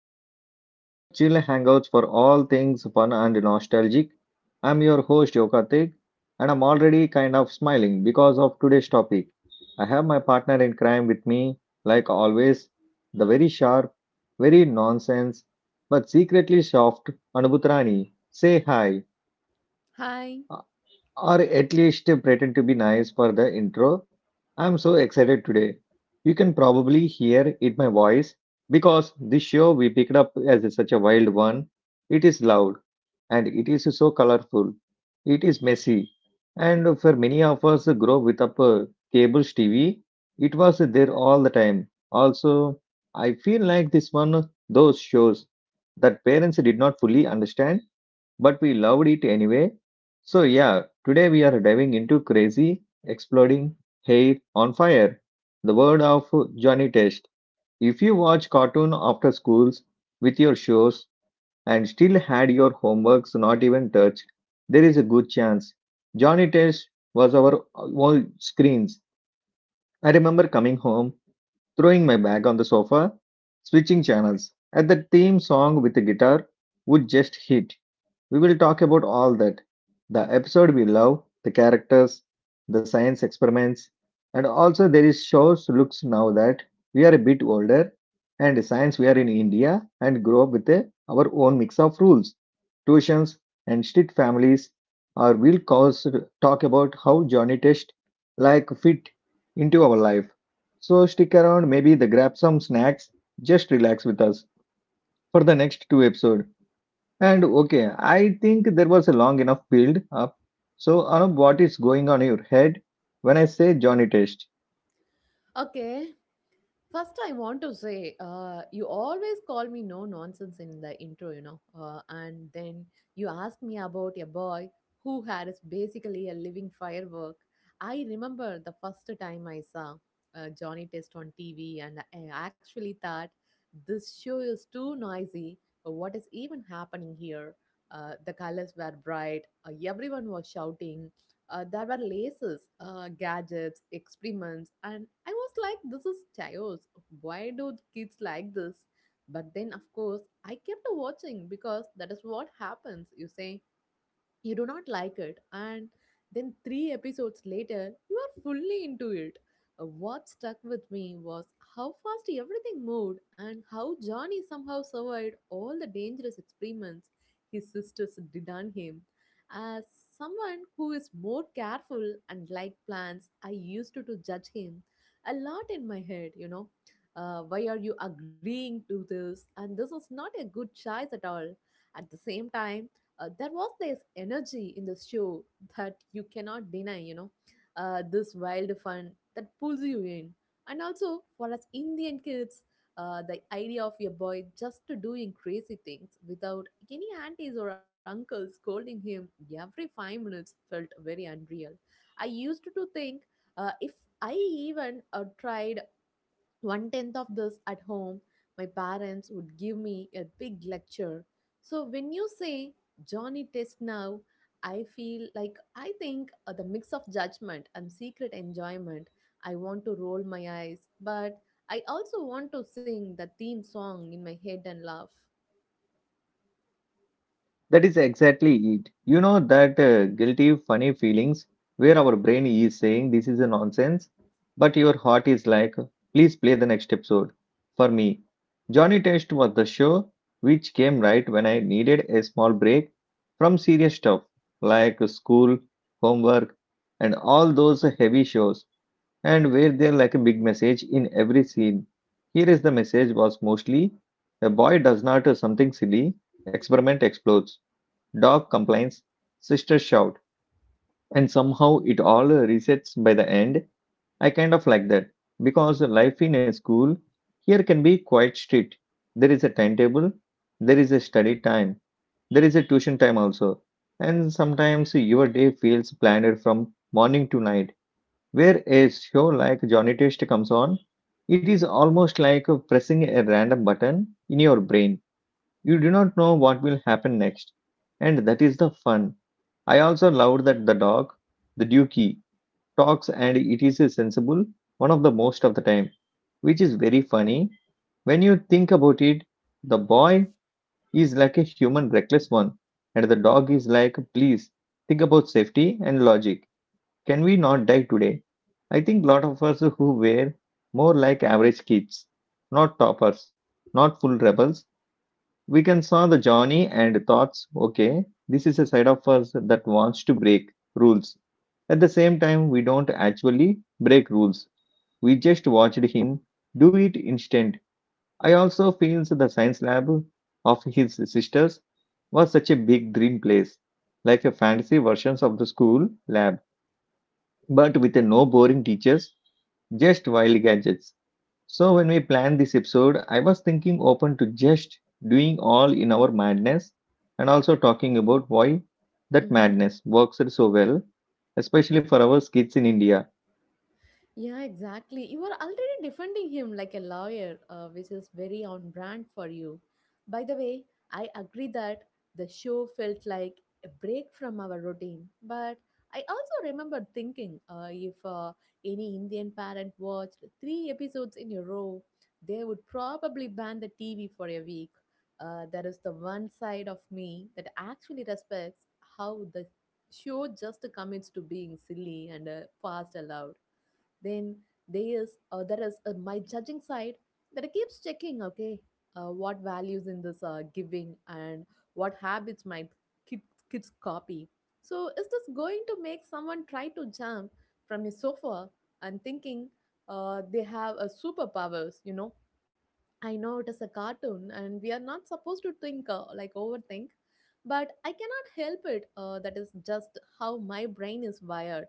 Entertainment, your chill hangouts for all things fun and nostalgic. I'm your host Yokatik and I'm already kind of smiling because of today's topic. I have my partner in crime with me, like always, the very sharp, very nonsense, but secretly soft Anubhutrani. Say hi Hi. or at least pretend to be nice for the intro. I'm so excited today. You can probably hear it my voice because this show we picked up as such a wild one. It is loud and it is so colorful. It is messy. And for many of us grow with up cables TV, it was there all the time. Also, I feel like this one those shows that parents did not fully understand but we loved it anyway. So, yeah, today we are diving into Crazy, Exploding, Hair on Fire, the word of Johnny Test. If you watch cartoon after schools with your shows and still had your homeworks not even touched, there is a good chance. Johnny Test was our all screens. I remember coming home throwing my bag on the sofa, switching channels, and the theme song with the guitar would just hit, we will talk about all that the episode we love, the characters, the science experiments, and also there is shows looks now that we are a bit older and science we are in India and grow up with a, our own mix of rules, tuitions, and strict families. Or we'll cause, talk about how Johnny Test like fit into our life. So stick around, maybe the grab some snacks, just relax with us for the next two episodes. And okay, I think there was a long enough build up. So, Anup, what is going on in your head when I say Johnny Test? Okay. First, I want to say, you always call me no nonsense in the intro, and then you ask me about a boy who had is basically a living firework. I remember the first time I saw Johnny Test on TV, and I actually thought this show is too noisy. What is even happening here? The colors were bright. Everyone was shouting. There were laces, gadgets, experiments, and I was like, this is chaos. Why do kids like this? But then, of course, I kept watching because that is what happens. You say, you do not like it, and then 3 episodes later you are fully into it. What stuck with me was how fast everything moved and how Johnny somehow survived all the dangerous experiments his sisters did on him. As someone who is more careful and like plants, I used to judge him a lot in my head, why are you agreeing to this, and this is not a good choice at all. At the same time, there was this energy in the show that you cannot deny, this wild fun that pulls you in. And also for us Indian kids, the idea of your boy just doing crazy things without any aunties or uncles scolding him every 5 minutes felt very unreal. I used to think, if I even tried one tenth of this at home, my parents would give me a big lecture. So when you say Johnny Test now, I feel like I think the mix of judgment and secret enjoyment. I want to roll my eyes, but I also want to sing the theme song in my head and laugh. That is exactly it. You know that guilty, funny feelings where our brain is saying this is a nonsense, but your heart is like, please play the next episode. For me, Johnny Test was the show which came right when I needed a small break from serious stuff like school, homework, and all those heavy shows, and were there like a big message in every scene. Here is the message was mostly a boy does not do something silly, experiment explodes, dog complains, sister shout, and somehow it all resets by the end. I kind of like that because life in a school here can be quite strict. There is a timetable, there is a study time, there is a tuition time also, and sometimes your day feels planned from morning to night where a show like Johnny Test comes on, it is almost like pressing a random button in your brain. You do not know what will happen next. And that is the fun. I also loved that the dog, the Dookie, talks and it is sensible one of the most of the time, which is very funny. When you think about it, the boy is like a human reckless one, and the dog is like, please think about safety and logic. Can we not die today? I think lot of us who were more like average kids, not toppers, not full rebels, we can saw the Johnny and thoughts, okay, this is a side of us that wants to break rules. At the same time, we don't actually break rules. We just watched him do it instant. I also feels the science lab of his sisters was such a big dream place, like a fantasy versions of the school lab, but with a no boring teachers just wild gadgets. So, when we planned this episode, I was thinking open to just doing all in our madness and also talking about why that Mm-hmm. madness works so well, especially for our kids in India. Yeah, exactly. You are already defending him like a lawyer, which is very on brand for you. By the way, I agree that the show felt like a break from our routine, but I also remember thinking if any Indian parent watched three episodes in a row, they would probably ban the TV for a week. That is the one side of me that actually respects how the show just commits to being silly and fast allowed. Then there is my judging side that keeps checking. Okay, what values in this giving, and what habits might kid, kids copy. So is this going to make someone try to jump from a sofa and thinking they have a superpowers? You know, I know it is a cartoon and we are not supposed to think like overthink, but I cannot help it. That is just how my brain is wired.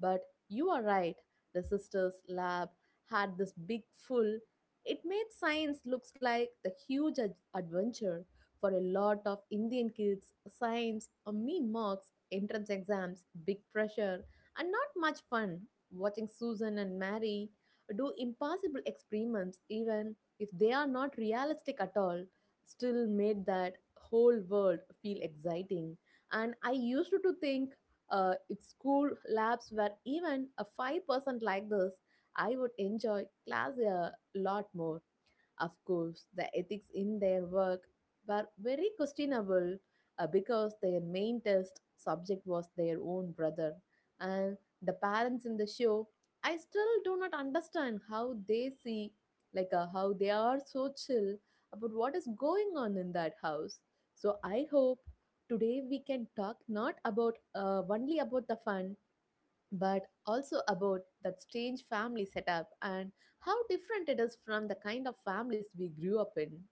But you are right. The sisters' lab had this big full. It made science looks like the huge adventure for a lot of Indian kids. Science, mean marks, entrance exams, big pressure, and not much fun. Watching Susan and Mary do impossible experiments, even if they are not realistic at all, still made that whole world feel exciting. And I used to think, if school labs were even a 5% like this, I would enjoy class a lot more. Of course, the ethics in their work were very questionable because their main test subject was their own brother. And the parents in the show, I still do not understand how they see, how they are so chill about what is going on in that house. So I hope today we can talk not about only about the fun, but also about that strange family setup and how different it is from the kind of families we grew up in.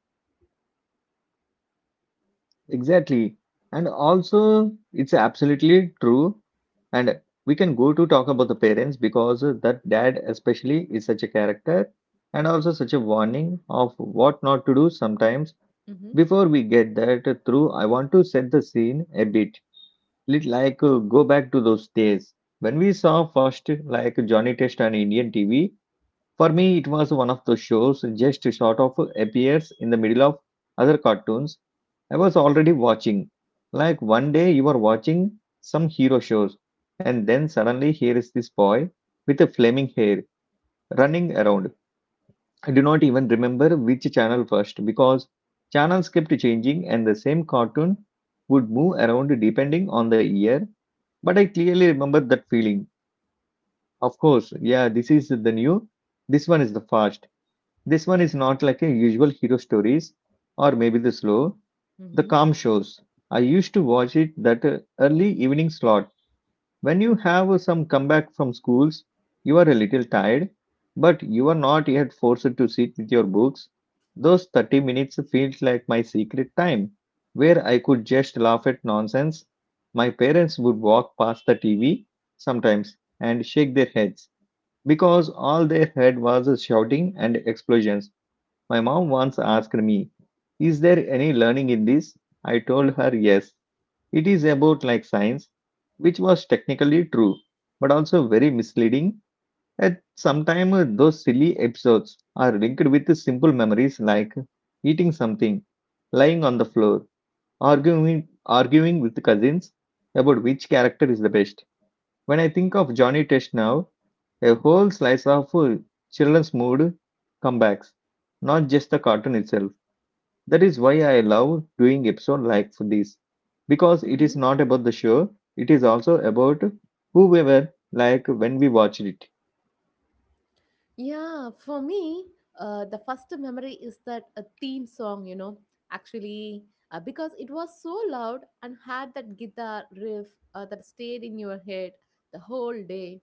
Exactly. And also, it's absolutely true. And we can go to talk about the parents because that dad, especially, is such a character and also such a warning of what not to do sometimes. Hmm. Before we get that through, I want to set the scene a bit. Lit like go back to those days when we saw first like Johnny Test on Indian TV. For me, it was one of those shows just sort of appears in the middle of other cartoons I was already watching. Like one day you are watching some hero shows, and then suddenly here is this boy with a flaming hair running around. I do not even remember which channel first because channels kept changing and the same cartoon would move around depending on the year. But I clearly remember that feeling. Of course, yeah, this is the new, this one is the fast, this one is not like a usual hero stories or maybe the slow, the Hmm. calm shows. I used to watch it that early evening slot when you have some comeback from schools, you are a little tired, but you are not yet forced to sit with your books. Those 30 minutes feels like my secret time, where I could just laugh at nonsense. My parents would walk past the TV sometimes and shake their heads because all they heard was shouting and explosions. My mom once asked me, is there any learning in this? I told her yes, it is about like science, which was technically true, but also very misleading. At sometimes those silly episodes are linked with the simple memories like eating something, lying on the floor, arguing with cousins about which character is the best. When I think of Johnny Test now, a whole slice of children's mood comebacks, not just the cartoon itself. That is why I love doing episode like this because it Hmm. is not about the show, it is also about who we were like when we watched it. Yeah, for me, the first memory is that a theme song, you know, actually, because it was so loud and had that guitar riff that stayed in your head the whole day.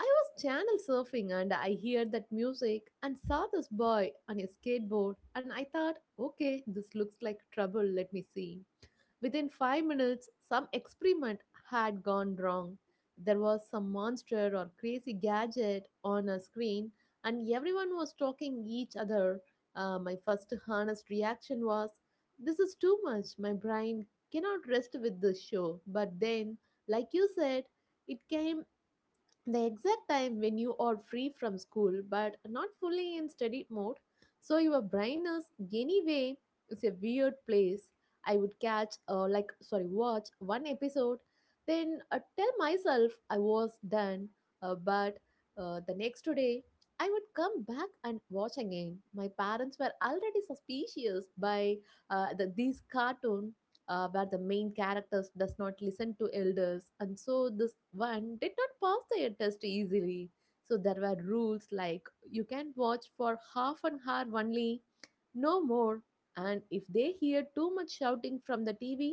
I was channel surfing and I heard that music and saw this boy on a skateboard, and I thought, okay, this looks like trouble, let me see. Within 5 minutes, some experiment had gone wrong. There was some monster or crazy gadget on a screen, and everyone was talking each other. My first honest reaction was, this is too much. My brain cannot rest with this show. But then, like you said, it came the exact time when you are free from school but not fully in study mode, so your brain is anyway, it's a weird place. I would catch like sorry watch one episode, then tell myself I was done. But The next day I would come back and watch again. My parents were already suspicious by these cartoon where the main characters does not listen to elders, and so this one did not pass the test easily. So there were rules like you can watch for half an hour only, no more, and if they hear too much shouting from the TV,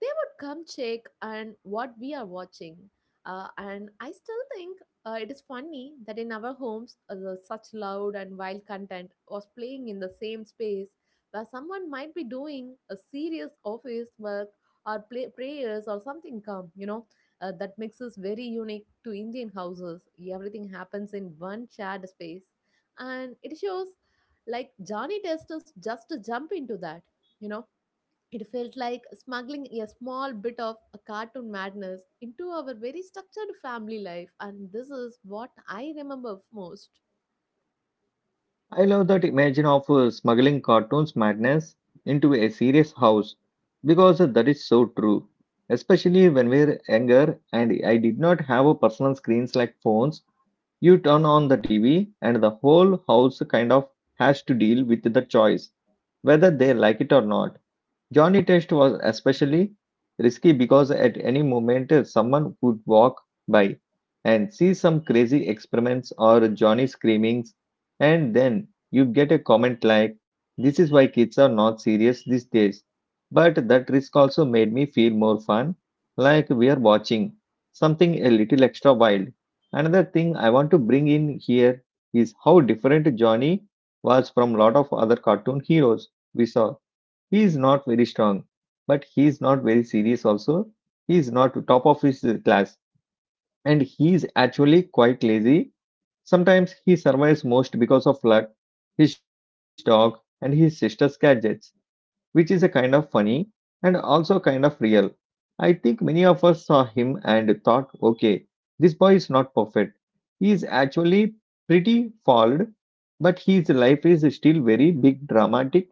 they would come check on what we are watching. And I still think it is funny that in our homes, the such loud and wild content was playing in the same space where someone might be doing a serious office work or play, prayers or something calm, you know. That makes us very unique to Indian houses. Everything happens in one shared space. And it shows like Johnny Test is just to jump into that, you know, it felt like smuggling a small bit of a cartoon madness into our very structured family life, and this is what I remember most. I love that image of smuggling cartoons madness into a serious house because that is so true. Especially when we were younger and I did not have a personal screens like phones, you turn on the TV and the whole house kind of has to deal with the choice whether they like it or not. Johnny Test was especially risky because at any moment someone could walk by and see some crazy experiments or Johnny screamings, and then you get a comment like, this is why kids are not serious these days. But that risk also made me feel more fun, like we are watching something a little extra wild. Another thing I want to bring in here is how different Johnny was from lot of other cartoon heroes we saw. He is not very strong, but he is not very serious also. He is not top of his class and he is actually quite lazy. Sometimes he survives most because of luck, his dog, and his sister's gadgets, which is a kind of funny and also kind of real. I think many of us saw him and thought, okay, this boy is not perfect. He is actually pretty flawed, but his life is still very big dramatic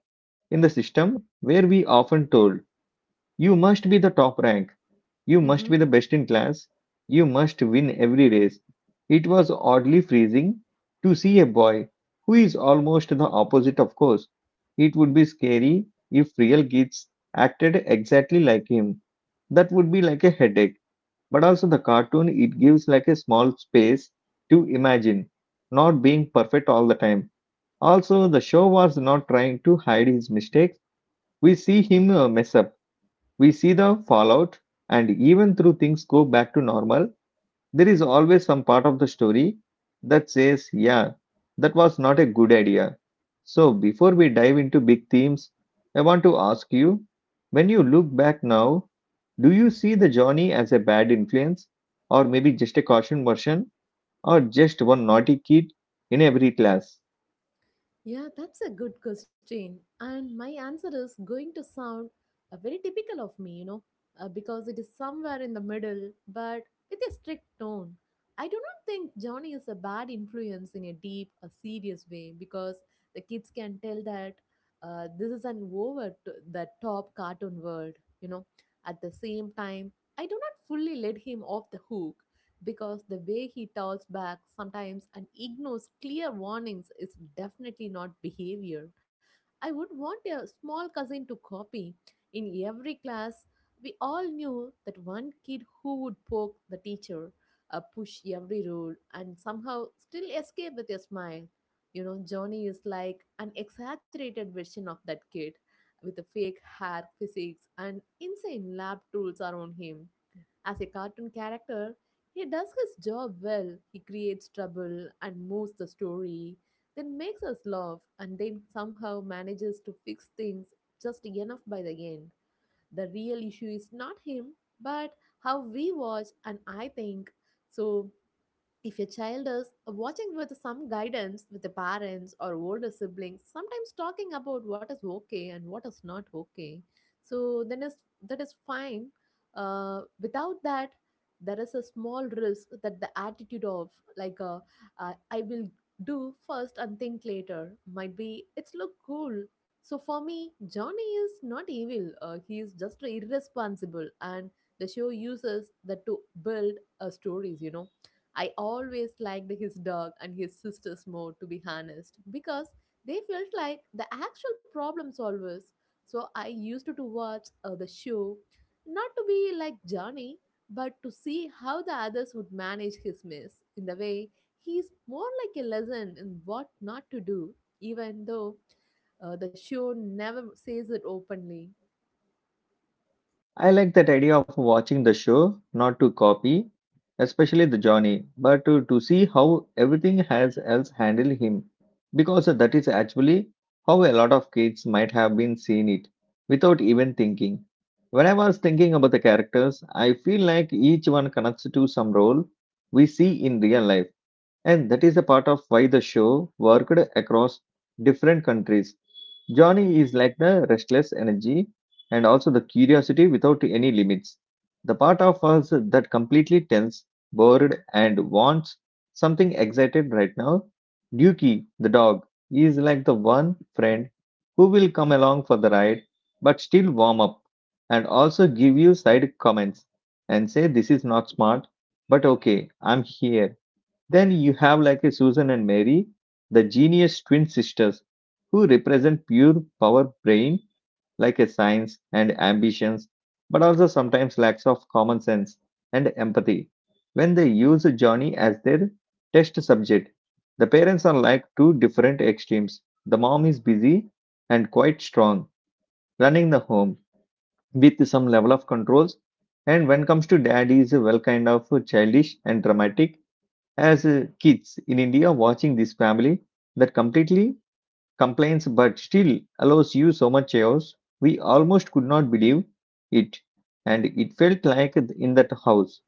in the system where we often told you must be the top rank. You must Mm-hmm. be the best in class. You must win every race. It was oddly freezing to see a boy who is almost the opposite, of course. It would be scary if real kids acted exactly like him. That would be like a headache. But also, the cartoon it gives like a small space to imagine, not being perfect all the time. Also, the show was not trying to hide his mistakes. We see him mess up, we see the fallout, and even through things go back to normal, there is always some part of the story that says, yeah, that was not a good idea. So, before we dive into big themes, I want to ask you when you look back now, do you see the Johnny as a bad influence, or maybe just a caution version, or just one naughty kid in every class? Yeah, that's a good question. And my answer is going to sound very typical of me, you know, because it is somewhere in the middle, but with a strict tone. I do not think Johnny is a bad influence in a deep, a serious way because the kids can tell that this is an over the top cartoon world, you know. At the same time, I do not fully let him off the hook because the way he talks back sometimes and ignores clear warnings is definitely not behavior. I would want a small cousin to copy. In every class, we all knew that one kid who would poke the teacher, push every rule, and somehow still escape with a smile. You know, Johnny is like an exaggerated version of that kid with the fake hair, physiques, and insane lab tools around him. As a cartoon character, he does his job well. He creates trouble and moves the story, then makes us laugh, and then somehow manages to fix things just enough by the end. The real issue is not him, but how we watch, and I think so. If your child is watching with some guidance with the parents or older siblings, sometimes talking about what is okay and what is not okay, so then is that is fine. Without that, there is a small risk that the attitude of like uh, I will do first and think later might be it's look cool. So for me, Johnny is not evil. He is just irresponsible, and the show uses that to build stories. You know, I always liked his dog and his sisters more, to be honest, because they felt like the actual problem solvers. So I used to watch the show, not to be like Johnny, but to see how the others would manage his mess. In the way, he's more like a lesson in what not to do, even though the show never says it openly. I like that idea of watching the show, not to copy, especially the Johnny, but to see how everything has else handled him. Because that is actually how a lot of kids might have been seeing it without even thinking. When I was thinking about the characters, I feel like each one connects to some role we see in real life and that is a part of why the show worked across different countries. Johnny is like the restless energy and also the curiosity without any limits. The part of us that completely tense, bored, and wants something excited right now. Dookie, the dog, is like the one friend who will come along for the ride but still warm up and also give you side comments and say, "This is not smart, but okay, I'm here." Then you have like a Susan and Mary, the genius twin sisters who represent pure power brain like a science and ambitions, but also sometimes lacks of common sense and empathy when they use Johnny as their test subject. The parents are like two different extremes. The mom is busy and quite strong, running the home with some level of controls. And when comes to dad, he is well kind of childish and dramatic as kids in India watching this family that completely complains but still allows you so much chaos. We almost could not believe it, and it felt like in that house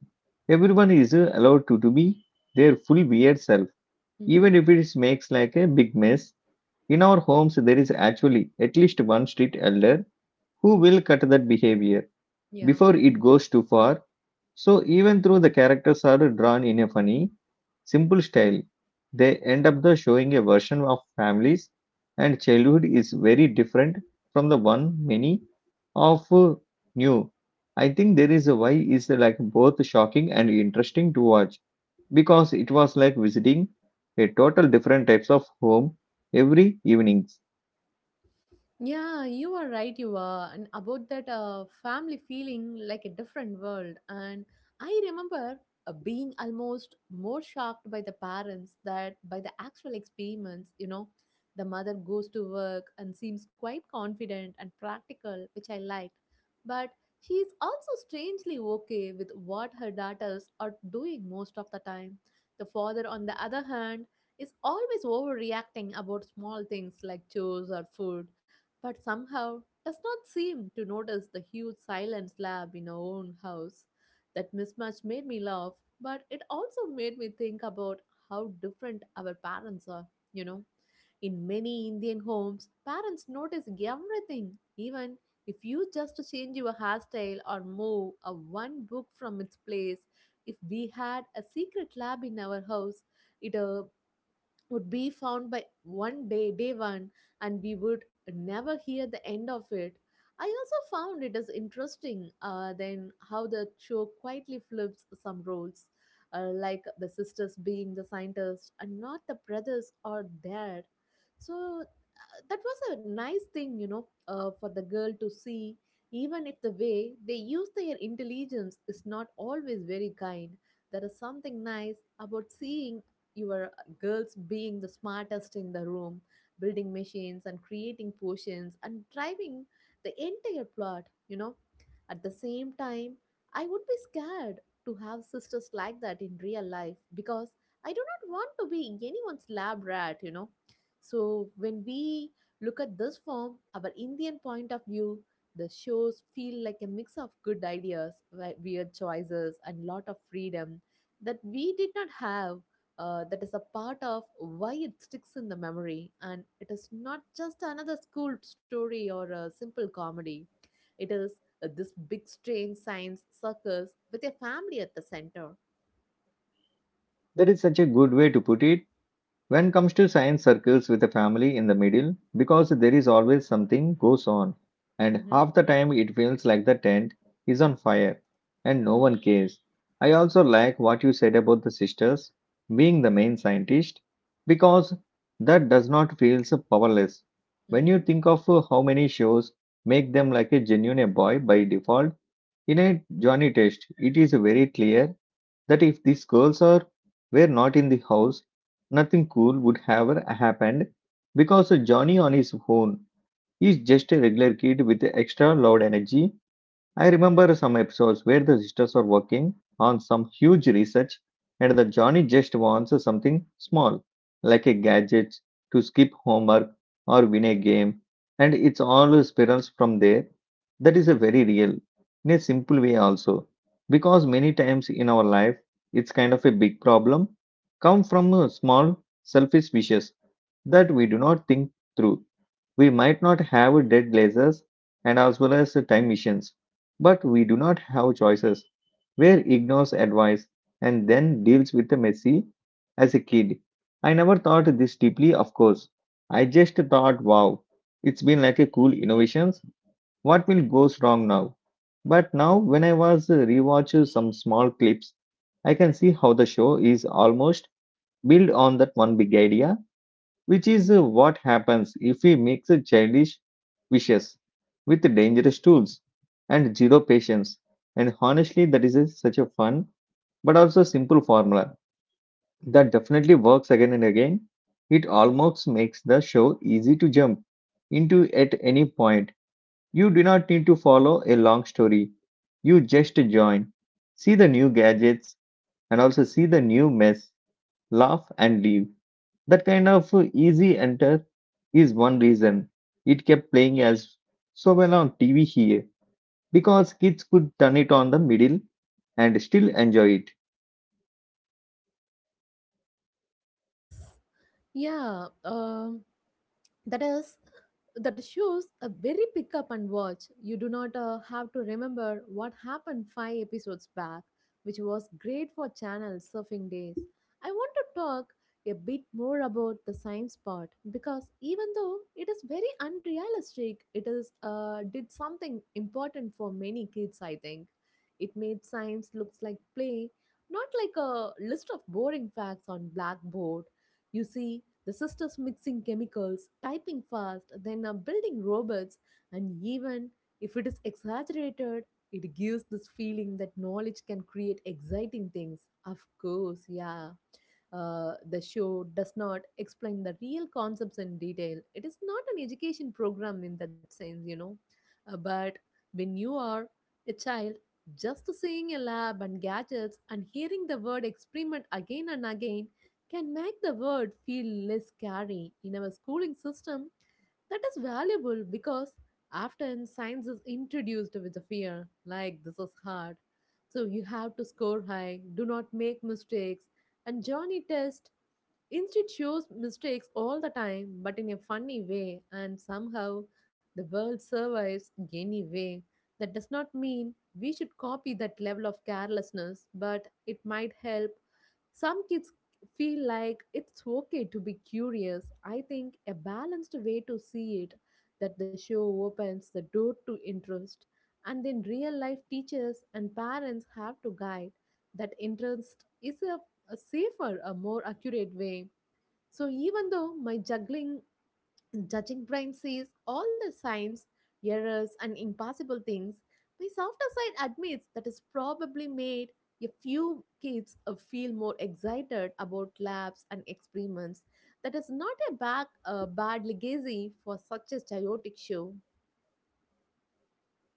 everyone is allowed to be their full weird self, Hmm. even if it makes like a big mess. In our homes, there is actually at least one street elder who will cut that behavior Yeah. before it goes too far. So even though the characters are drawn in a funny, simple style, they end up the showing a version of families and childhood is very different from the one many of new. I think there is a why is like both shocking and interesting to watch because it was like visiting a total different types of home every evenings. Yeah, you are right. You are and about that family feeling like a different world. And I remember being almost more shocked by the parents that by the actual experiments. You know, the mother goes to work and seems quite confident and practical, which I liked. But she is also strangely okay with what her daughters are doing most of the time. The father, on the other hand, is always overreacting about small things like chores or food, but somehow does not seem to notice the huge silent slab in our own house. That mismatch made me laugh, but it also made me think about how different our parents are, you know. In many Indian homes, parents notice everything, even if you just change your hairstyle or move a one book from its place. If we had a secret lab in our house, it would be found by one day day one, and we would never hear the end of it. I also found it is interesting, then how the show quietly flips some roles, like the sisters being the scientists and not the brothers or dad. So that was a nice thing, you know, for the girl to see. Even if the way they use their intelligence is not always very kind, there is something nice about seeing your girls being the smartest in the room, building machines and creating potions and driving the entire plot, you know. At the same time, I would be scared to have sisters like that in real life, because I do not want to be anyone's lab rat, you know. So when we look at this from our Indian point of view, the shows feel like a mix of good ideas, weird choices, and lot of freedom that we did not have. That is a part of why it sticks in the memory, and it is not just another school story or a simple comedy. It is, this big strange science circus with a family at the center. That is such a good way to put it. When comes to science circles with a family in the middle, because there is always something goes on and Mm-hmm, half the time it feels like the tent is on fire and no one cares. I also like what you said about the sisters being the main scientist because that does not feel so powerless. When you mm-hmm. think of how many shows make them like a genuine boy by default, in a Johnny test it is very clear that if these girls are were not in the house, nothing cool would have happened, because Johnny on his own is just a regular kid with extra loud energy. I remember some episodes where the sisters are working on some huge research and the Johnny just wants something small, like a gadget to skip homework or win a game, and it's all spirals from there. That is a very real, in a simple way also, because many times in our life it's kind of a big problem, come from small selfish wishes that we do not think through. We might not have dead lasers and as well as time machines, but we do not have choices. Where ignores advice and then deals with the messy as a kid. I never thought this deeply, of course. I just thought, wow, it's been like a cool innovations. What will go wrong now? But now, when I was rewatch some small clips, I can see how the show is almost built on that one big idea, which is what happens if we mix childish wishes with dangerous tools and zero patience. And honestly, that is such a fun but also simple formula that definitely works again and again. It almost makes the show easy to jump into at any point. You do not need to follow a long story. You just join, see the new gadgets, and also see the new mess, laugh and leave. That kind of easy enter is one reason it kept playing as so well on TV here, because kids could turn it on the middle and still enjoy it. Yes, yeah, that is, that shows a very pick up and watch. You do not have to remember what happened 5 episodes back, which was great for channel surfing days. I want to talk a bit more about the science part, because even though it is very unrealistic, it is did something important for many kids, I think. It made science looks like play, not like a list of boring facts on blackboard. You see, the sisters mixing chemicals, typing fast, then are building robots, and even if it is exaggerated, it gives this feeling that knowledge can create exciting things. Of course, yeah. The show does not explain the real concepts in detail. It is not an education program in that sense, you know. But when you are a child, just seeing a lab and gadgets and hearing the word experiment again and again can make the world feel less scary. In our schooling system, that is valuable because often science is introduced with a fear, like this is hard, so you have to score high, do not make mistakes. And Johnny Test, instead, shows mistakes all the time, but in a funny way, and somehow the world survives anyway. That does not mean we should copy that level of carelessness, but it might help some kids feel like it's okay to be curious. I think a balanced way to see it, that the show opens the door to interest, and then real life teachers and parents have to guide that interest, is a safer, a more accurate way. So even though my juggling judging brain sees all the signs, errors and impossible things, my softer side admits that it's probably made a few kids feel more excited about labs and experiments. That is not a bad, bad legacy for such a chaotic show.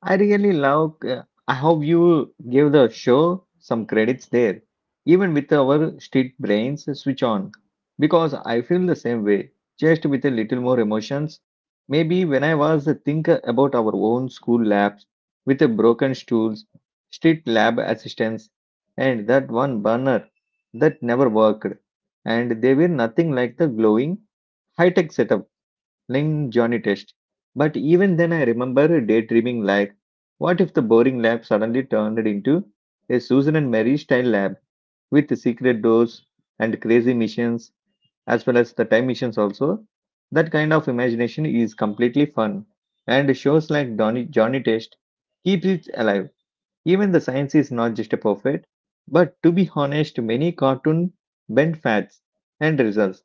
I really love how you give the show some credits there, even with our street brains switch on, because I feel the same way, just with a little more emotions. Maybe when I was a think about our own school labs with the broken stools, street lab assistants, and that one burner that never worked, and they were nothing like the glowing high tech setups. Ling Johnny Test. But even then, I remember daydreaming like, what if the boring lab suddenly turned into a Susan and Mary style lab with secret doors and crazy missions, as well as the time missions also? That kind of imagination is completely fun, and shows like Donny, Johnny Test keeps it alive. Even the science is not just a perfect, but to be honest, many cartoon bend fads and results,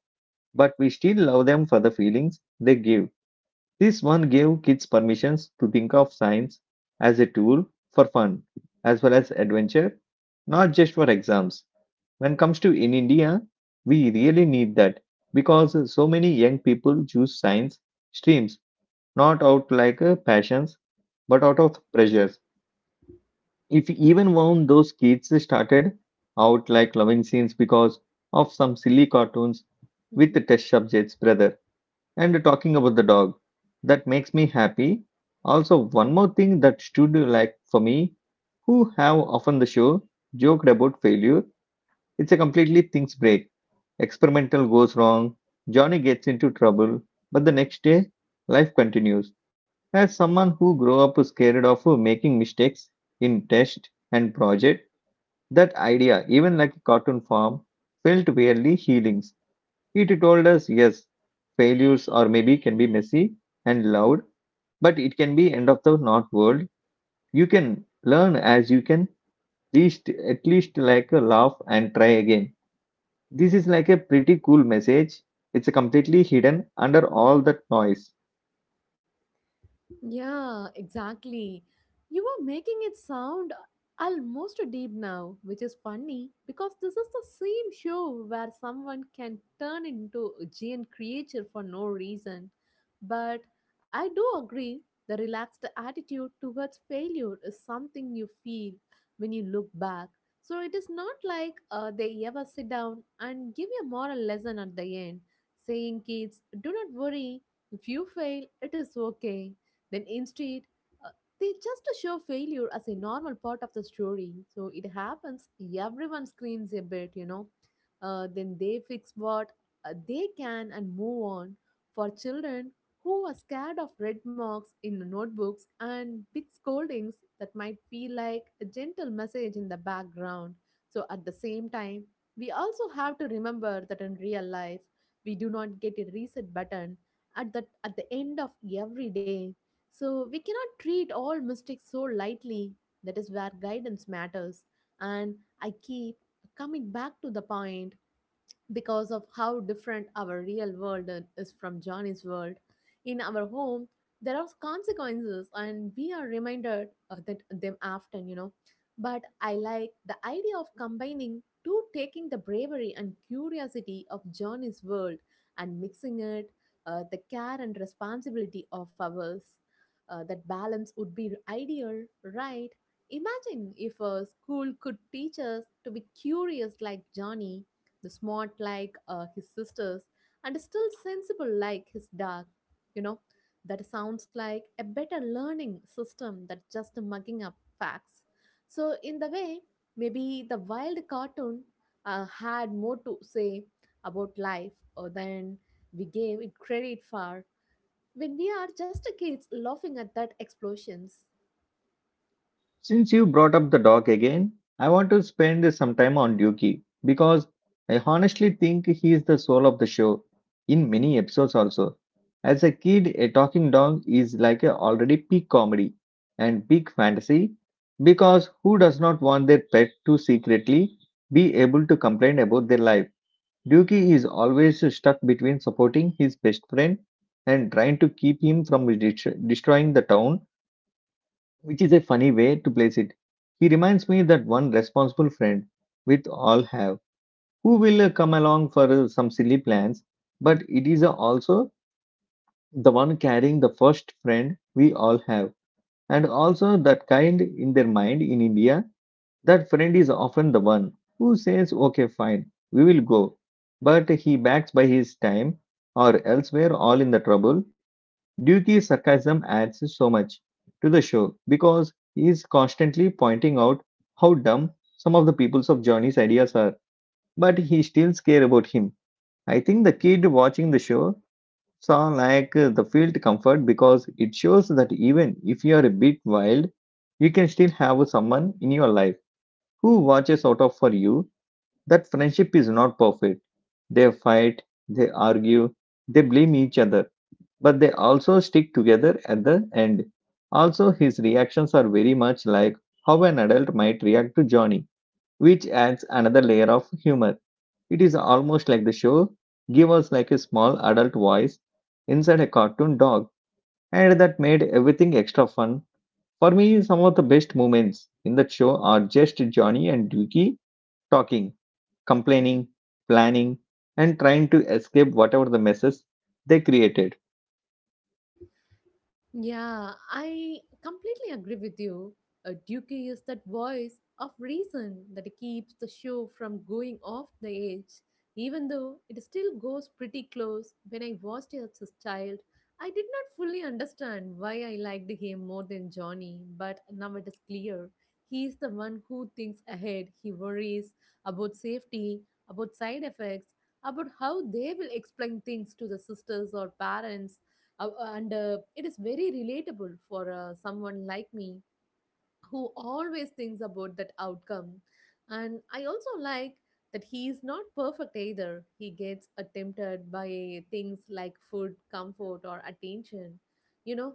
but we still love them for the feelings they give. This one gave kids permissions to think of science as a tool for fun as well as adventure, not just for exams. When it comes to in India, we really need that because so many young people choose science streams not out like passions but out of pressures. If even one those kids started out like loving scenes because of some silly cartoons with the Mhm. test subjects, brother, and talking about the dog, that makes me happy. Also, one more thing that stood like for me, who have often the show joked about failure. It's a completely things break. Experimental goes wrong, Johnny gets into trouble, but the next day life continues. As someone who grew up scared of making mistakes in test and project, that idea, even like a cartoon form, felt weirdly healing. It told us, yes, failures or maybe can be messy and loud, Mhm. but it can be end of the not world. You can learn as you can least at least like a laugh and try again. This is like a pretty cool message. It's completely hidden under all that noise. Yeah, exactly. You are making it sound almost deep now, which is funny because this is the same show where someone can turn into a giant creature for no reason. But I do agree, the relaxed attitude towards failure is something you feel when you look back. So it is not like they ever sit down and give you a moral lesson at the end, saying, "Kids, do not worry, if you fail, it is okay." Then instead, uh, they just show failure as a normal part of the story. So it happens, everyone screams a bit, you know. Then they fix what they can and move on. For children who are scared of red marks in notebooks and big scoldings, that might feel like a gentle message in the background. So at the same time, we also have to remember that in real life, we do not get a reset button at the end of every day, so we cannot treat all mistakes so lightly. That is where guidance matters. And I keep coming back to the point because of how different our real world is from Johnny's world. In our home, there are consequences, and we are reminded of that them often, you know. But I like the idea of combining two, taking the bravery and curiosity of Johnny's world and mixing it, the care and responsibility of ours. That balance would be ideal, right? Imagine if a school could teach us to be curious like Johnny, the smart like his sisters, and still sensible like his dog, you know. That sounds like a better learning system than just mugging up facts. So in the way, maybe the wild cartoon had more to say about life than we gave it credit for when we are just kids laughing at that explosions. Since you brought up the dog again, I want to spend some time on Dookie because I honestly think he is the soul of the show in many episodes also. As a kid, a talking dog is like a already peak comedy and peak fantasy, because who does not want their pet to secretly be able to complain about their life? Dookie is always stuck between supporting his best friend and trying to keep him from destroying the town, which is a funny way to place it. He reminds me that one responsible friend with all have who will come along for some silly plans, but it is also the one carrying the first friend we all have, and also that kind in their mind in India. That friend is often the one who says, "Okay, fine, we will go," but he backs by his time or elsewhere, all in the trouble. Dewey's sarcasm adds so much to the show because he is constantly pointing out how dumb some of the peoples of Johnny's ideas are, but he still cares about him. I think the kid watching the show saw like the field comfort, because it shows that even if you are a bit wild, you can still have someone in your life who watches out of for you. That friendship is not perfect. They fight, they argue, they blame each other, but they also stick together at the end. Also, his reactions are very much like how an adult might react to Johnny, which adds another layer of humor. It is almost like the show gave us like a small adult voice inside a cartoon dog, and that made everything extra fun. For me, some of the best moments in that show are just Johnny and Dookie talking, complaining, planning, and trying to escape whatever the messes they created. Yeah, I completely agree with you. Duke is that voice of reason that keeps the show from going off the edge, even though it still goes pretty close. When I watched it as a child, I did not fully understand why I liked him more than Johnny, but now it is clear. He is the one who thinks ahead. He worries about safety, about side effects, about how they will explain things to the sisters or parents, uh, and it is very relatable for someone like me who always thinks about that outcome. And I also like that he is not perfect either. He gets tempted by things like food, comfort, or attention, you know,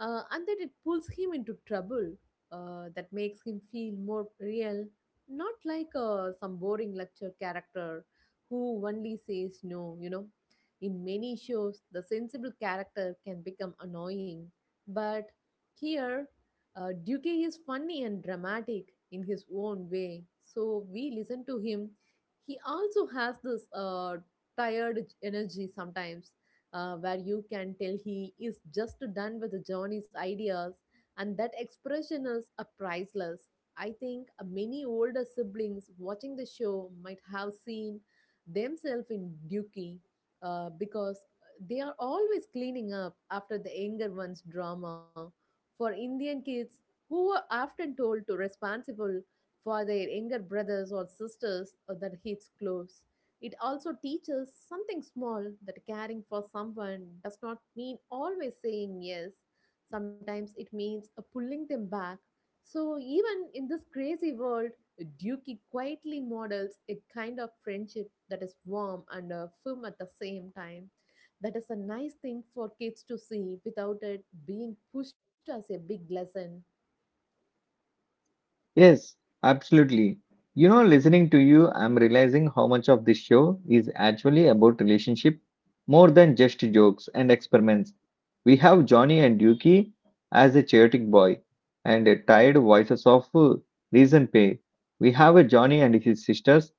and that it pulls him into trouble. That makes him feel more real, not like some boring lecture character who only says no, you know. In many shows, the sensible character can become annoying, but here Duque is funny and dramatic in his own way, so we listen to him. He also has this tired energy sometimes, where you can tell he is just done with Johnny's ideas, and that expression is priceless. I think many older siblings watching the show might have seen themselves in Duke because they are always cleaning up after the younger one's drama. For Indian kids, who were often told to responsible for their younger brothers or sisters, or that hits close. It also teaches something small, that caring for someone does not mean always saying yes. Sometimes it means pulling them back. So even in this crazy world, Duki quietly models a kind of friendship that is warm and firm at the same time. That is a nice thing for kids to see without it being pushed as a big lesson. Yes, absolutely. You know, listening to you, I'm realizing how much of this show is actually about relationship more than just jokes and experiments. We have Johnny and Yuki as a chaotic boy and a tired voices of reason pay. We have a Johnny and his sisters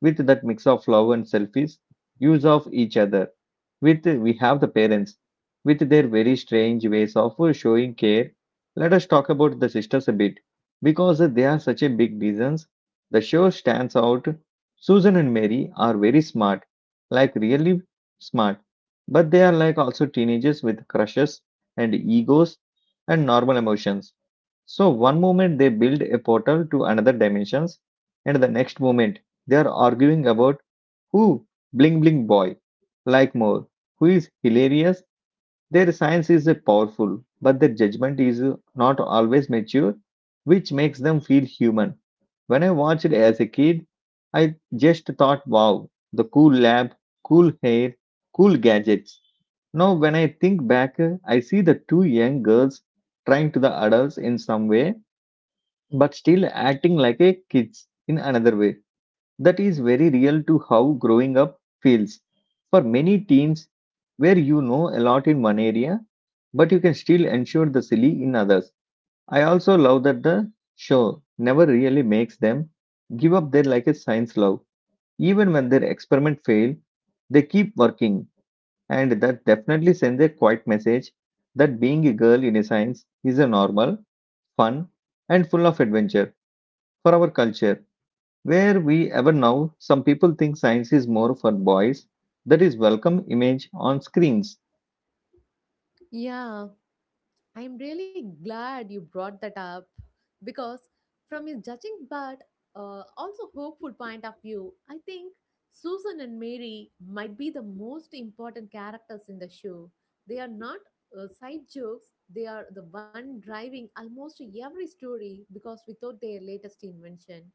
with that mix of love and selfish use of each other. With we have the parents with their very strange ways of showing care. Let us talk about the sisters a bit because they are such a big reasons, the show stands out. Susan and Mary are very smart, like really smart, but they are like also teenagers with crushes and egos and normal emotions. So one moment they build a portal to another dimensions, and the next moment they are arguing about who bling bling boy like more, who is hilarious. Their science is powerful, but their judgment is not always mature, which makes them feel human. When I watched as a kid, I just thought, wow, the cool lab, cool hair, cool gadgets. Now, when I think back, I see the two young girls trying to the adults in some way, but still acting like a kids in another way. That is very real to how growing up feels for many teens, where you know a lot in one area but you can still ensure the silly in others. I also love that the show never really makes them give up their like a science love. Even when their experiment fail, they keep working, and that definitely sends a quiet message that being a girl in a science is a normal, fun, and full of adventure. For our culture where we ever now, some people think science is more for boys. That is welcome image on screens. Yeah, I'm really glad you brought that up because, from a judging but also hopeful point of view, I think Susan and Mary might be the most important characters in the show. They are not side jokes, they are the one driving almost every story, because without their latest invention,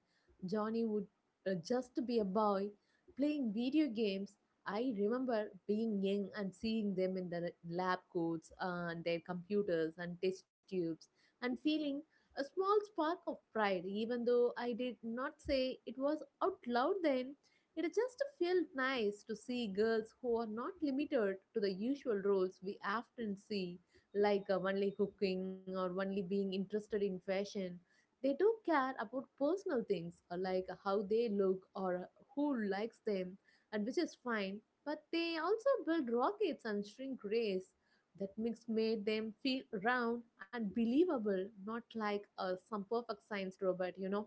Johnny would just be a boy playing video games. I remember being young and seeing them in the lab coats, and their computers and test tubes, and feeling a small spark of pride, even though I did not say it was out loud then. It just felt nice to see girls who are not limited to the usual roles we often see, like only cooking or only being interested in fashion. They do care about personal things, like how they look or who likes them, and which is fine. But they also build rockets and shrink rays. That mix made them feel round and believable, not like some perfect science robot, you know.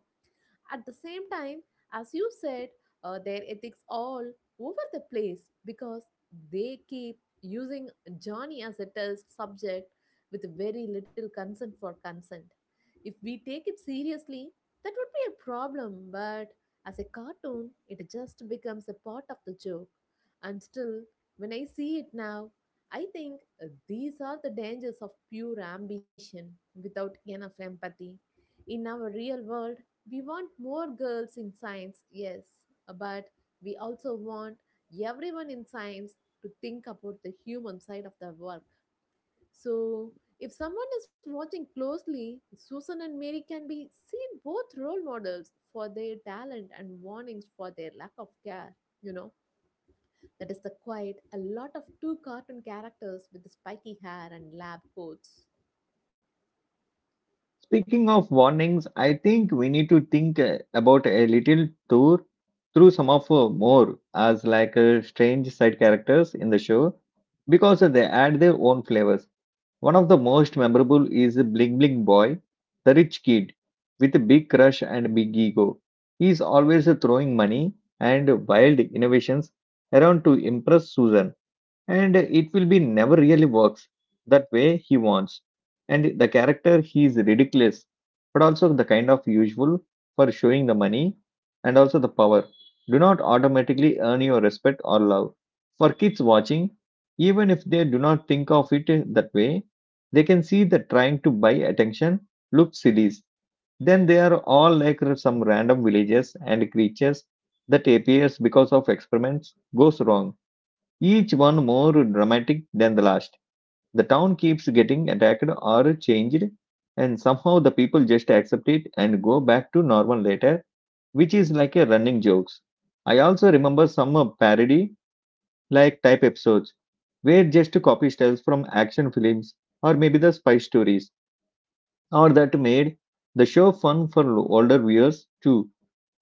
At the same time, as you said, their ethics all over the place because they keep using Johnny as a test subject with very little consent for consent. If we take it seriously, that would be a problem, but as a cartoon, it just becomes a part of the joke. And still, when I see it now, I think these are the dangers of pure ambition without enough empathy. In our real world, we want more girls in science, yes, but we also want everyone in science to think about the human side of the work. So, if someone is watching closely, Susan and Mary can be seen both role models for their talent and warnings for their lack of care. You know, that is the quiet, a lot of two cartoon characters with the spiky hair and lab coats. Speaking of warnings, I think we need to think about a little tour through some of more as like strange side characters in the show because they add their own flavors. One of the most memorable is Bling Bling Boy, the rich kid with a big crush and big ego. He is always throwing money and wild innovations around to impress Susan, and it will be never really works that way he wants. And the character, he is ridiculous, but also the kind of usual for showing the money and also the power do not automatically earn your respect or love. For kids watching, even if they do not think of it that way, they can see that trying to buy attention looks silly. Then they are all like some random villages and creatures that appears because of experiments goes wrong, each one more dramatic than the last. The town keeps getting attacked or changed, and somehow the people just accept it and go back to normal later, which is like a running jokes. I also remember some parody like type episodes where just copy styles from action films or maybe the spy stories or that made the show fun for older viewers too.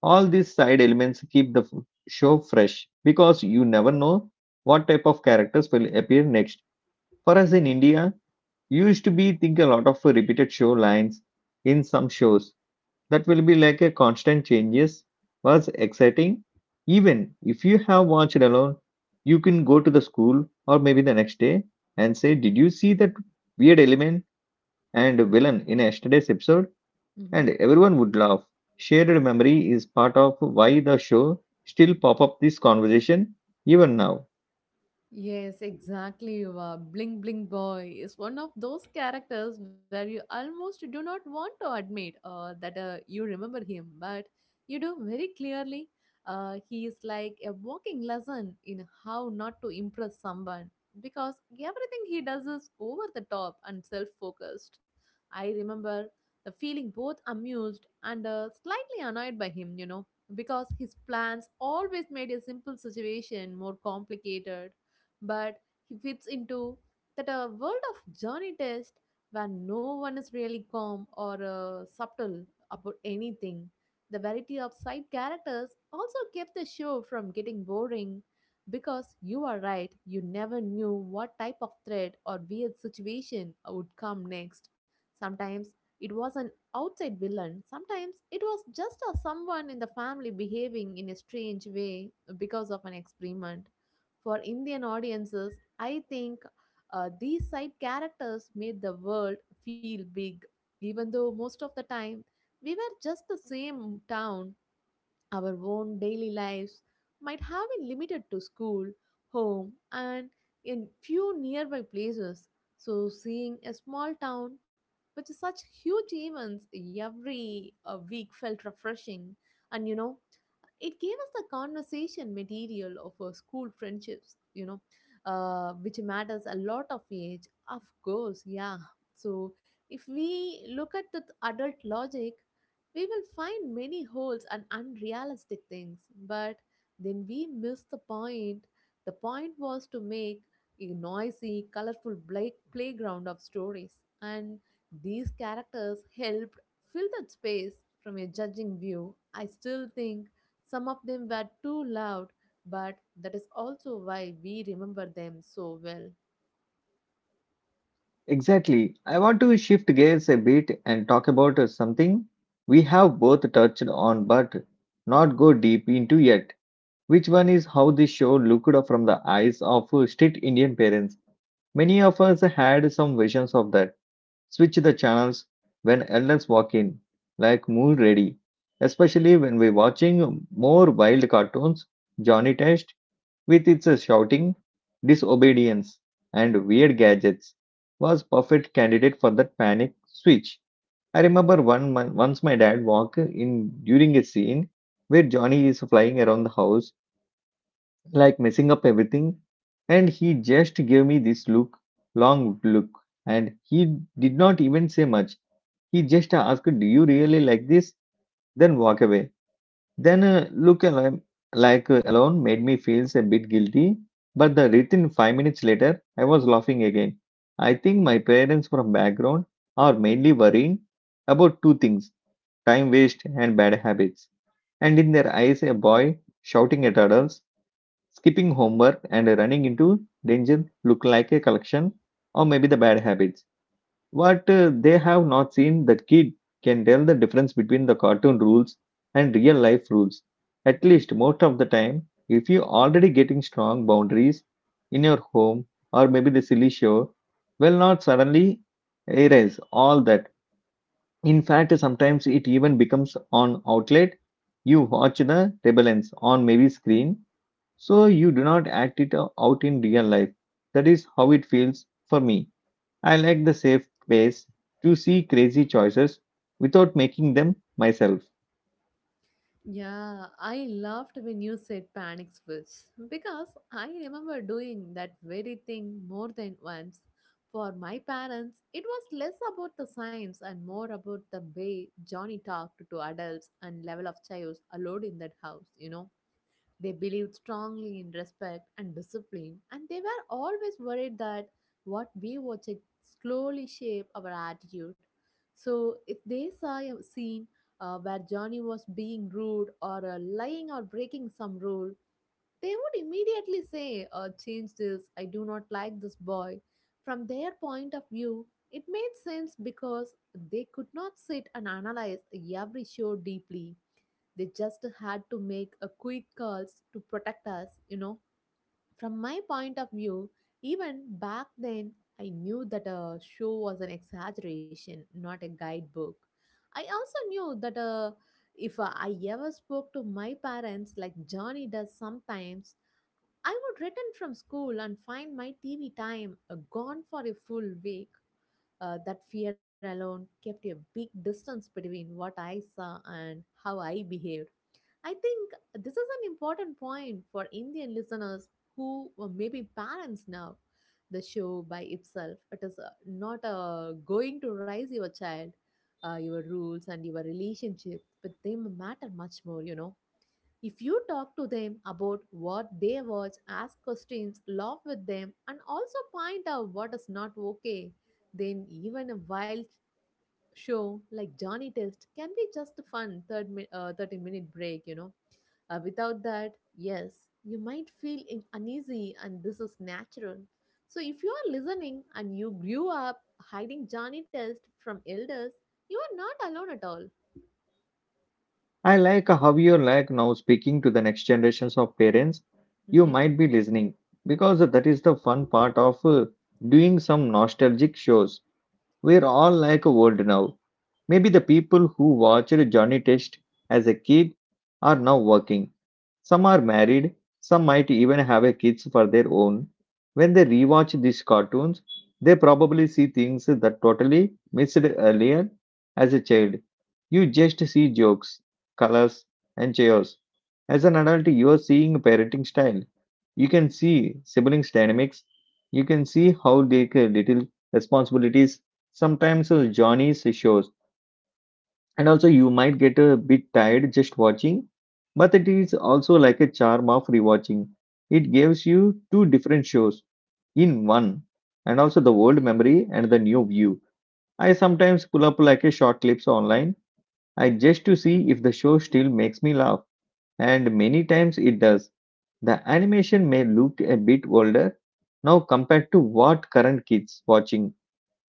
All these side elements keep the show fresh because you never know what type of characters will appear next. For us in India, used to be think a lot of repeated show lines in some shows that will be like a constant changes was exciting. Even if you have watched alone, you can go to the school or maybe the next day and say, "Did you see that weird element and villain in yesterday's episode?" Mhm. and everyone would laugh. Shared memory is part of why the show still pop up this conversation even now. Yes, exactly. Bling Bling Boy is one of those characters where you almost do not want to admit that you remember him, but you do very clearly. He is like a walking lesson in how not to impress someone, because everything he does is over the top and self focused. I remember the feeling both amused and slightly annoyed by him, you know, because his plans always made a simple situation more complicated, but he fits into that a world of journey test where no one is really calm or subtle about anything. The variety of side characters also kept the show from getting boring because you are right, you never knew what type of threat or weird situation would come next. Sometimes it was an outside villain, sometimes it was just a someone in the family behaving in a strange way because of an experiment. For Indian audiences, I think these side characters made the world feel big, even though most of the time we were just the same town. Our own daily lives might have been limited to school, home, and in few nearby places. So, seeing a small town with such huge events every week felt refreshing. And you know, it gave us the conversation material of our school friendships, which matters a lot of age, of course, yeah. So if we look at the adult logic, we will find many holes and unrealistic things, but then we miss the point. The point was to make a noisy, colorful playground of stories, and these characters helped fill that space from a judging view. I still think some of them were too loud, but that is also why we remember them so well. Exactly. I want to shift gears a bit and talk about something we have both touched on but not go deep into yet. Which one is how this show looked from the eyes of strict Indian parents? Many of us had some visions of that. Switch the channels when elders walk in, like Moon Ready, especially when we're watching more wild cartoons. Johnny Test, with its shouting, disobedience, and weird gadgets, was perfect candidate for that panic switch. I remember one once my dad walked in during a scene where Johnny is flying around the house, like messing up everything, and he just gave me this look, long look, and he did not even say much. He just asked, "Do you really like this?" Then walk away. Then look like alone made me feel a bit guilty. But the written 5 minutes later, I was laughing again. I think my parents from background are mainly worrying about two things: time waste and bad habits. And in their eyes, a boy shouting at adults, skipping homework, and running into danger look like a collection or maybe the bad habits what they have not seen, the kid can tell the difference between the cartoon rules and real life rules. At Hmm least most of the time, if you already getting strong boundaries in your home or maybe the silly show, will not suddenly erase all that. In fact, sometimes it even becomes on outlet. You watch the rebellions on maybe screen, so you do not act it out in real life. That is how it feels for me. I like the safe ways to see crazy choices without making them myself. Yeah, I laughed when you said panic switch because I remember doing that very thing more than once. For my parents, it was less about the science and more about the way Johnny talked to adults and level of chaos allowed in that house, you know. They believed strongly in respect and discipline, and they were always worried that what we watched slowly shape our attitude. So, if they saw a scene where Johnny was being rude or lying or breaking some rule, they would immediately say, "Change this, I do not like this boy." From their point of view, it made sense because they could not sit and analyze every show deeply. They just had to make a quick calls to protect us, you know. From my point of view, even back then, I knew that a show was an exaggeration, not a guidebook. I also knew that if I ever spoke to my parents like Johnny does sometimes, I would return from school and find my TV time gone for a full week. That fear alone kept a big distance between what I saw and how I behaved. I think this is an important point for Indian listeners who were maybe parents now. The show by itself, it is not going to raise your child. Your rules and your relationship with them matter much more, you know. If you talk to them about what they watch, ask questions, laugh with them, and also point out what is not okay, then even a wild show like Johnny Test can be just a fun 30-minute break, you know. Without that, yes, you might feel uneasy, and this is natural. So, if you are listening and you grew up hiding Johnny Test from elders, you are not alone at all. I like how you're like now speaking to the next generations of parents. You Mm-hmm. might be listening because that is the fun part of doing some nostalgic shows. We're all like a world now. Maybe the people who watched Johnny Test as a kid are now working. Some are married, some might even have a kids for their own. When they rewatch these cartoons, they probably see things that totally missed earlier as a child. You just see jokes, colors, and chaos. As an adult, you are seeing parenting style. You can see siblings' dynamics. You can see how they little responsibilities sometimes Johnny's shows. And also, you might get a bit tired just watching, but it is also like a charm of rewatching. It gives you two different shows in one, and also the old memory and the new view. I sometimes pull up like a short clips online, I just to see if the show still makes me laugh, and many times it does. The animation may look a bit older now compared to what current kids watching,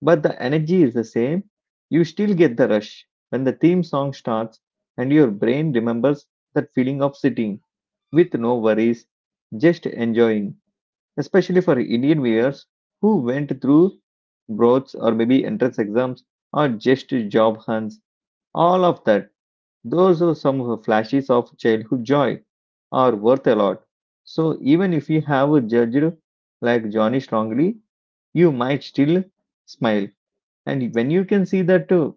but the energy is the same. You still get the rush when the theme song starts, and your brain remembers that feeling of sitting with no worries, just enjoying. Especially for Indian viewers who went through broads or maybe entrance exams or just job hunts, all of that. Those are some flashes of childhood joy are worth a lot. So even if you have judged like Johnny strongly, you might still smile, and when you can see that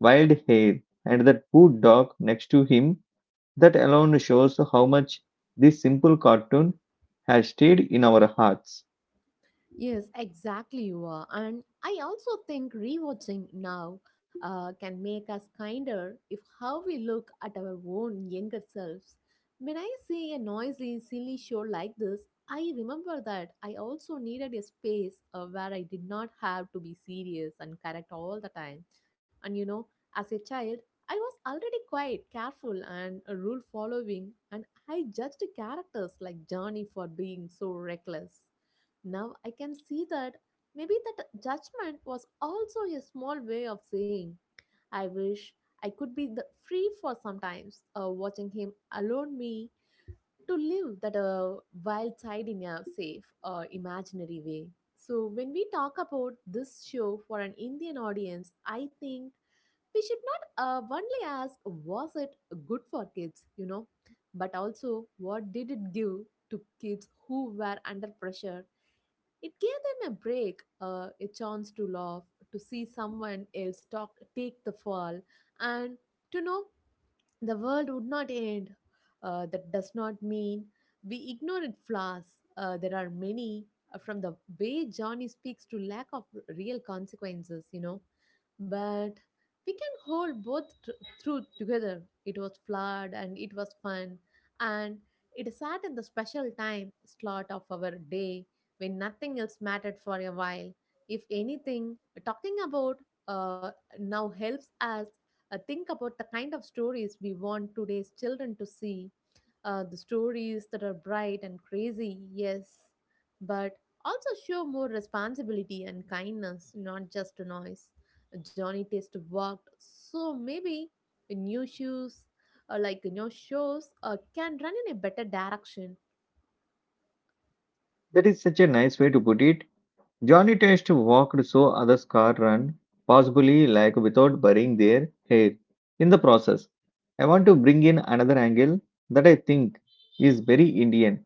wild hair and that poor dog next to him, that alone shows how much this simple cartoon has stayed in our hearts. Yes, exactly you are. And I also think rewatching now can make us kinder if how we look at our own younger selves. When I see a noisy, silly show like this, I remember that I also needed a space where I did not have to be serious and correct all the time. And you know, as a child, I was already quite careful and rule following, and I judged characters like Johnny for being so reckless. Now I can see that maybe that judgment was also a small way of saying, I wish I could be the free for sometimes, watching him allow me to live that wild side in a safe, imaginary way. So when we talk about this show for an Indian audience, I think we should not only ask was it good for kids, you know, but also what did it give to kids who were under pressure it gave them a break, a chance to laugh, to see someone else talk, take the fall, and to know the world would not end. That does not mean we ignore its flaws. There are many, from the way Johnny speaks to lack of real consequences, you know. But we can hold both through together. It was flawed and it was fun, and it sat in the special time slot of our day when nothing else mattered for a while. If anything, talking about uh, now helps us think about the kind of stories we want today's children to see the stories that are bright and crazy, yes, but also show more responsibility and kindness, not just to noise. Johnny Test walked, so maybe new shoes, like new shows, can run in a better direction. That is such a nice way to put it. Johnny Test walked so others' car run, possibly like without burying their hair in the process. I want to bring in another angle that I think is very Indian,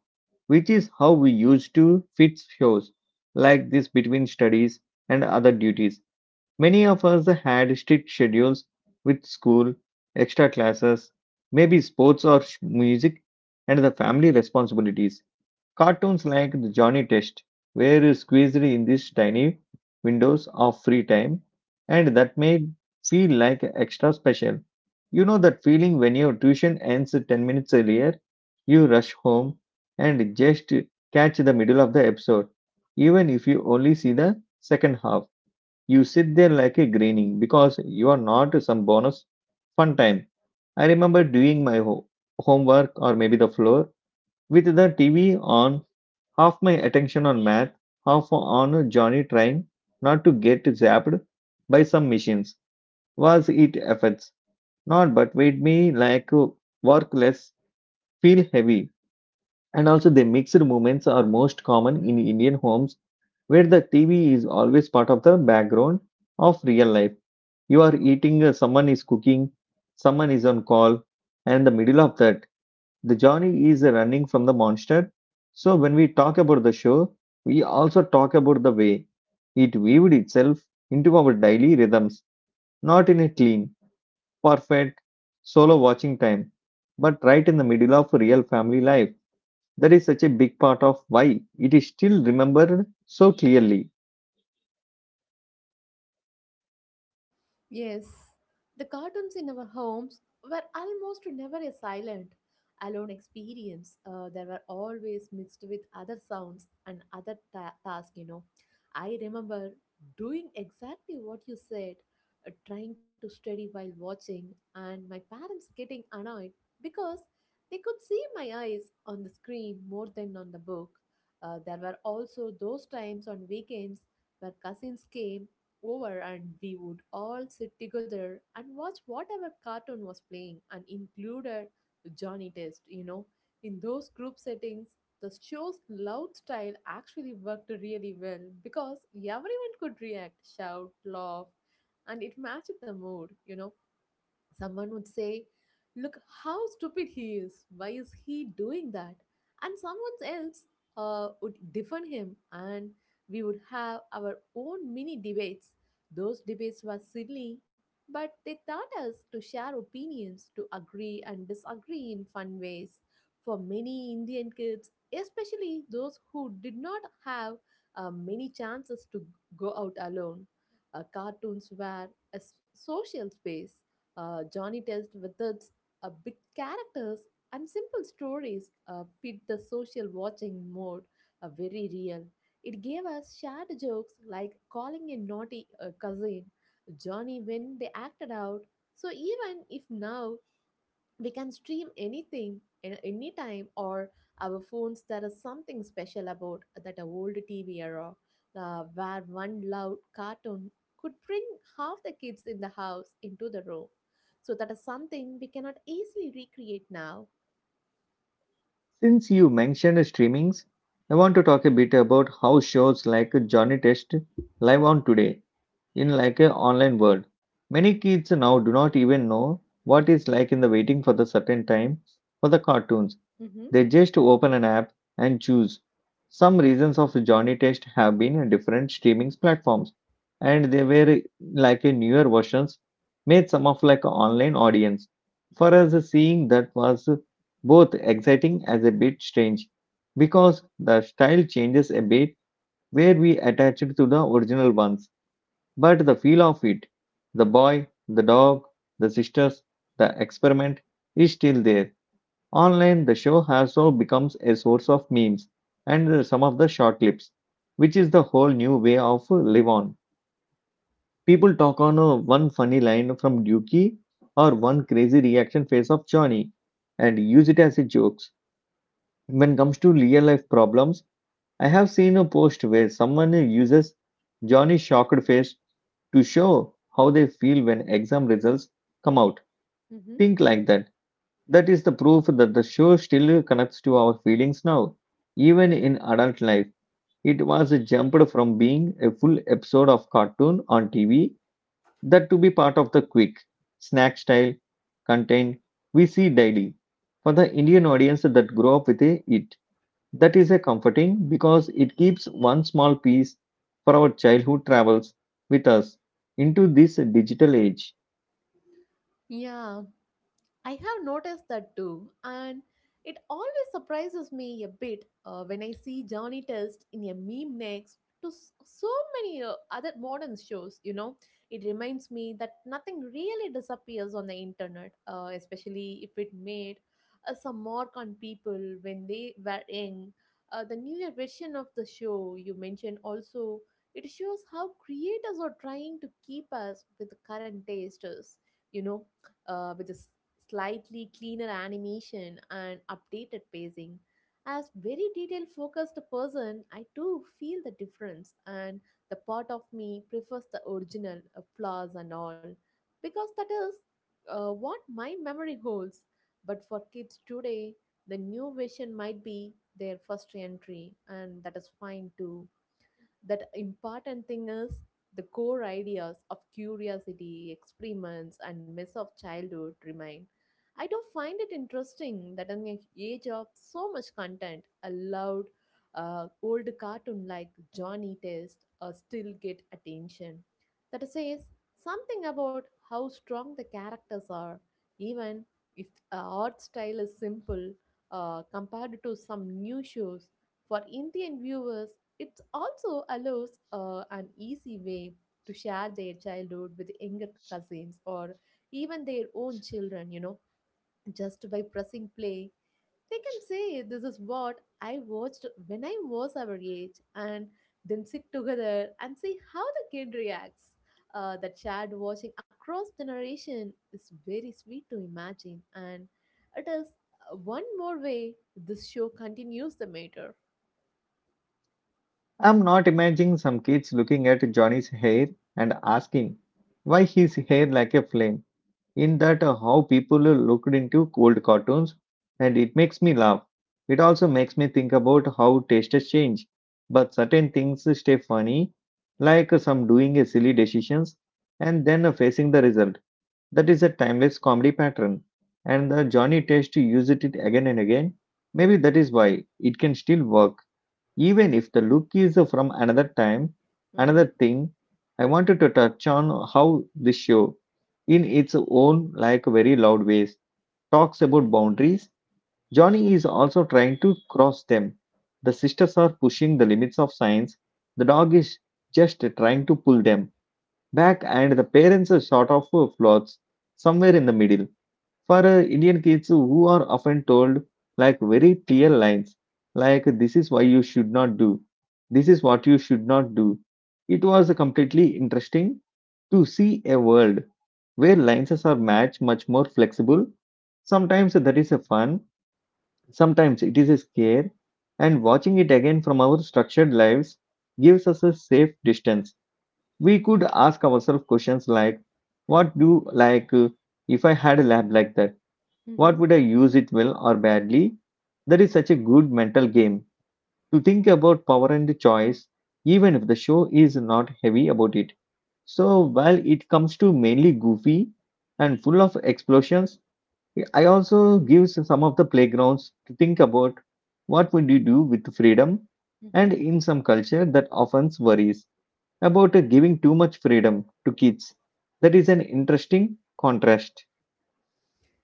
which is how we used to fit shows like this between studies and other duties. Many of us had strict schedules with school, extra classes, maybe sports or music, and the family responsibilities. Cartoons like the Johnny Test were squeezed in these tiny windows of free time, and that made feel like extra special. You know that feeling when your tuition ends 10 minutes earlier, you rush home and just catch the middle of the episode, even if you only see the second half. You sit there like a grinning because you are not some bonus fun time. I remember doing my homework or maybe the floor with the TV on, half my attention on math, half on Johnny trying not to get zapped by some machines. Was it effects? Not, but made me like work less, feel heavy. And also, the mixed movements are most common in Indian homes where the TV is always part of the background of real life. You are eating, someone is cooking, someone is on call, and in the middle of that, the Johnny is running from the monster. So when we talk about the show, we also talk about the way it weaved itself into our daily rhythms, not in a clean, perfect, solo watching time, but right in the middle of real family life. That is such a big part of why it is still remembered so clearly. Yes, the cartoons in our homes were almost never a silent, alone experience. They were always mixed with other sounds and other tasks, you know. I remember doing exactly what you said, trying to study while watching, and my parents getting annoyed because they could see my eyes on the screen more than on the book. There were also those times on weekends where cousins came over and we would all sit together and watch whatever cartoon was playing and included Johnny Test, you know. In those group settings, the show's loud style actually worked really well because everyone could react, shout, laugh, and it matched the mood, you know. Someone would say, "Look how stupid he is. Why is he doing that?" And someone else would defend him, and we would have our own mini debates. Those debates were silly, but they taught us to share opinions, to agree and disagree in fun ways. For many Indian kids, especially those who did not have many chances to go out alone, cartoons were a social space Johnny Test methods, big characters, and simple stories fit the social watching mode very real. It gave us shared jokes like calling a naughty cousin Johnny when they acted out. So even if now we can stream anything anytime or our phones there is something special about that old TV era where one loud cartoon could bring half the kids in the house into the room so that is something we cannot easily recreate now. Since you mentioned streamings, I want to talk a bit about how shows like Johnny Test live on today in like a online world. Many kids now do not even know what is like in the waiting for the certain time for the cartoons. Mm-hmm. They just open an app and choose. Some reasons of Johnny Test have been in different streaming platforms, and they were like a newer versions made some of like online audience. For us, seeing that was both exciting as a bit strange, because the style changes a bit where we attach it to the original ones, but the feel of it, the boy, the dog, the sisters, the experiment is still there. Online, the show also becomes a source of memes and some of the short clips, which is the whole new way of live on. People talk on one funny line from Dookie or one crazy reaction face of Johnny and use it as a jokes. When it comes to real life problems, I have seen a post where someone uses Johnny's shocked face to show how they feel when exam results come out. Mm-hmm. Think like that. That is the proof that the show still connects to our feelings now. Even in adult life, it was jumped from being a full episode of cartoon on TV that to be part of the quick, snack style content we see daily. For the Indian audience that grew up with it, that is a comforting because it keeps one small piece for our childhood travels with us into this digital age. Yeah, I have noticed that too, and it always surprises me a bit when I see Johnny Test in a meme next to so many other modern shows. You know, it reminds me that nothing really disappears on the internet, especially if it made some mark on people when they were young. The newer version of the show you mentioned also it shows how creators are trying to keep us with the current tastes. You know, with this slightly cleaner animation and updated pacing. As very detail focused person, I too feel the difference and the part of me prefers the original flaws and all because that is what my memory holds. But for kids today, the new version might be their first entry and that is fine too that important thing is the core ideas of curiosity, experiments, and mess of childhood remain. I do find it interesting that in an age of so much content, a loud, old cartoon like Johnny Test still get attention. That says something about how strong the characters are, even if the art style is simple compared to some new shows. For Indian viewers, it also allows an easy way to share their childhood with younger cousins or even their own children, you know, just by pressing play they can say, "This is what I watched when I was our age," and then sit together and see how the kid reacts. That shared watching across generation is very sweet to imagine, and it is one more way this show continues the matter. I'm not imagining some kids looking at Johnny's hair and asking why his hair like a flame. In that, how people looked into old cartoons, and it makes me laugh. It also makes me think about how tastes change, but certain things stay funny, like some doing a silly decisions and then facing the result. That is a timeless comedy pattern, and the Johnny test used it again and again. Maybe that is why it can still work. Even if the look is from another time, another Mm-hmm. thing, I wanted to touch on how this show, in its own like very loud ways, talks about boundaries. Johnny is also trying to cross them. The sisters are pushing the limits of science. The dog is just trying to pull them back, and the parents are sort of floods somewhere in the middle. For Indian kids who are often told like very clear lines, like this is why you should not do, this is what you should not do. It was completely interesting to see a world where lines are much much more flexible. Sometimes that is a fun, sometimes it is a scare, and watching it again from our structured lives gives us a safe distance. We could ask ourselves questions like, what do like if I had a lab like that? Mm-hmm. What would I use it well or badly? That is such a good mental game to think about power and choice, even if the show is not heavy about it. So, while it comes to mainly goofy and full of explosions, I also gives some of the playgrounds to think about what would you do with freedom, and Mhm. in some culture that often worries about giving too much freedom to kids. That is an interesting contrast.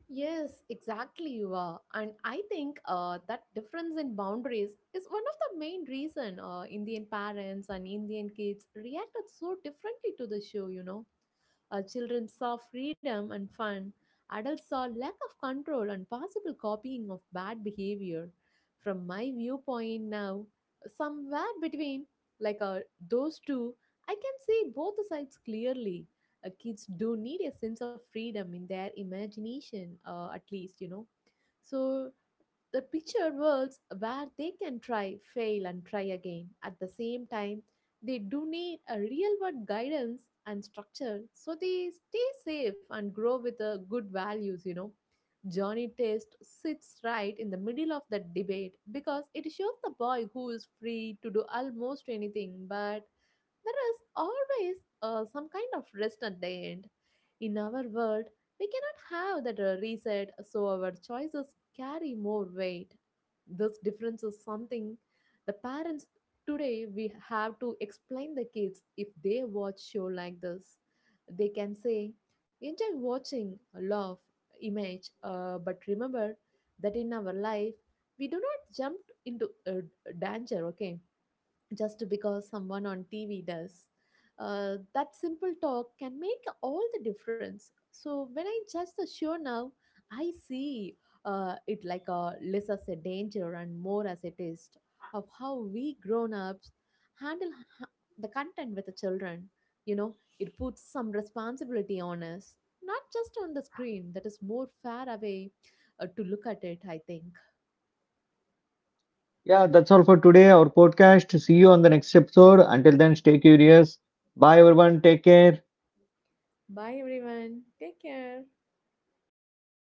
Yes, exactly, you are. And I think that difference in boundaries is one of the main reason Indian parents and Indian kids reacted so differently to the show, you know. Children saw freedom and fun. Adults saw lack of control and possible copying of bad behavior. From my viewpoint now, somewhere between, like those two, I can see both the sides clearly. Kids do need a sense of freedom in their imagination, at least, you know. So the picture worlds where they can try, fail, and try again. At the same time, they do need a real world guidance and structure so they stay safe and grow with good values, you know. Johnny Test sits right in the middle of that debate because it shows the boy who is free to do almost anything but there is always some kind of rest at the end. In our world, we cannot have that reset, so our choices carry more weight. This difference is something the parents today we have to explain the kids if they watch show like this. They can say, enjoy watching, love, image, but remember that in our life we do not jump into danger. Okay, just because someone on TV does. That simple talk can make all the difference. So when I judge the show now, I see it like a less as a danger and more as a test of how we grown ups handle ha- the content with the children. You know, it puts some responsibility on us, not just on the screen. That is more fair away to look at it. I think. Yeah, that's all for today, our podcast. See you on the next episode. Until then, stay curious. Bye, everyone. Take care. Bye everyone. Take care.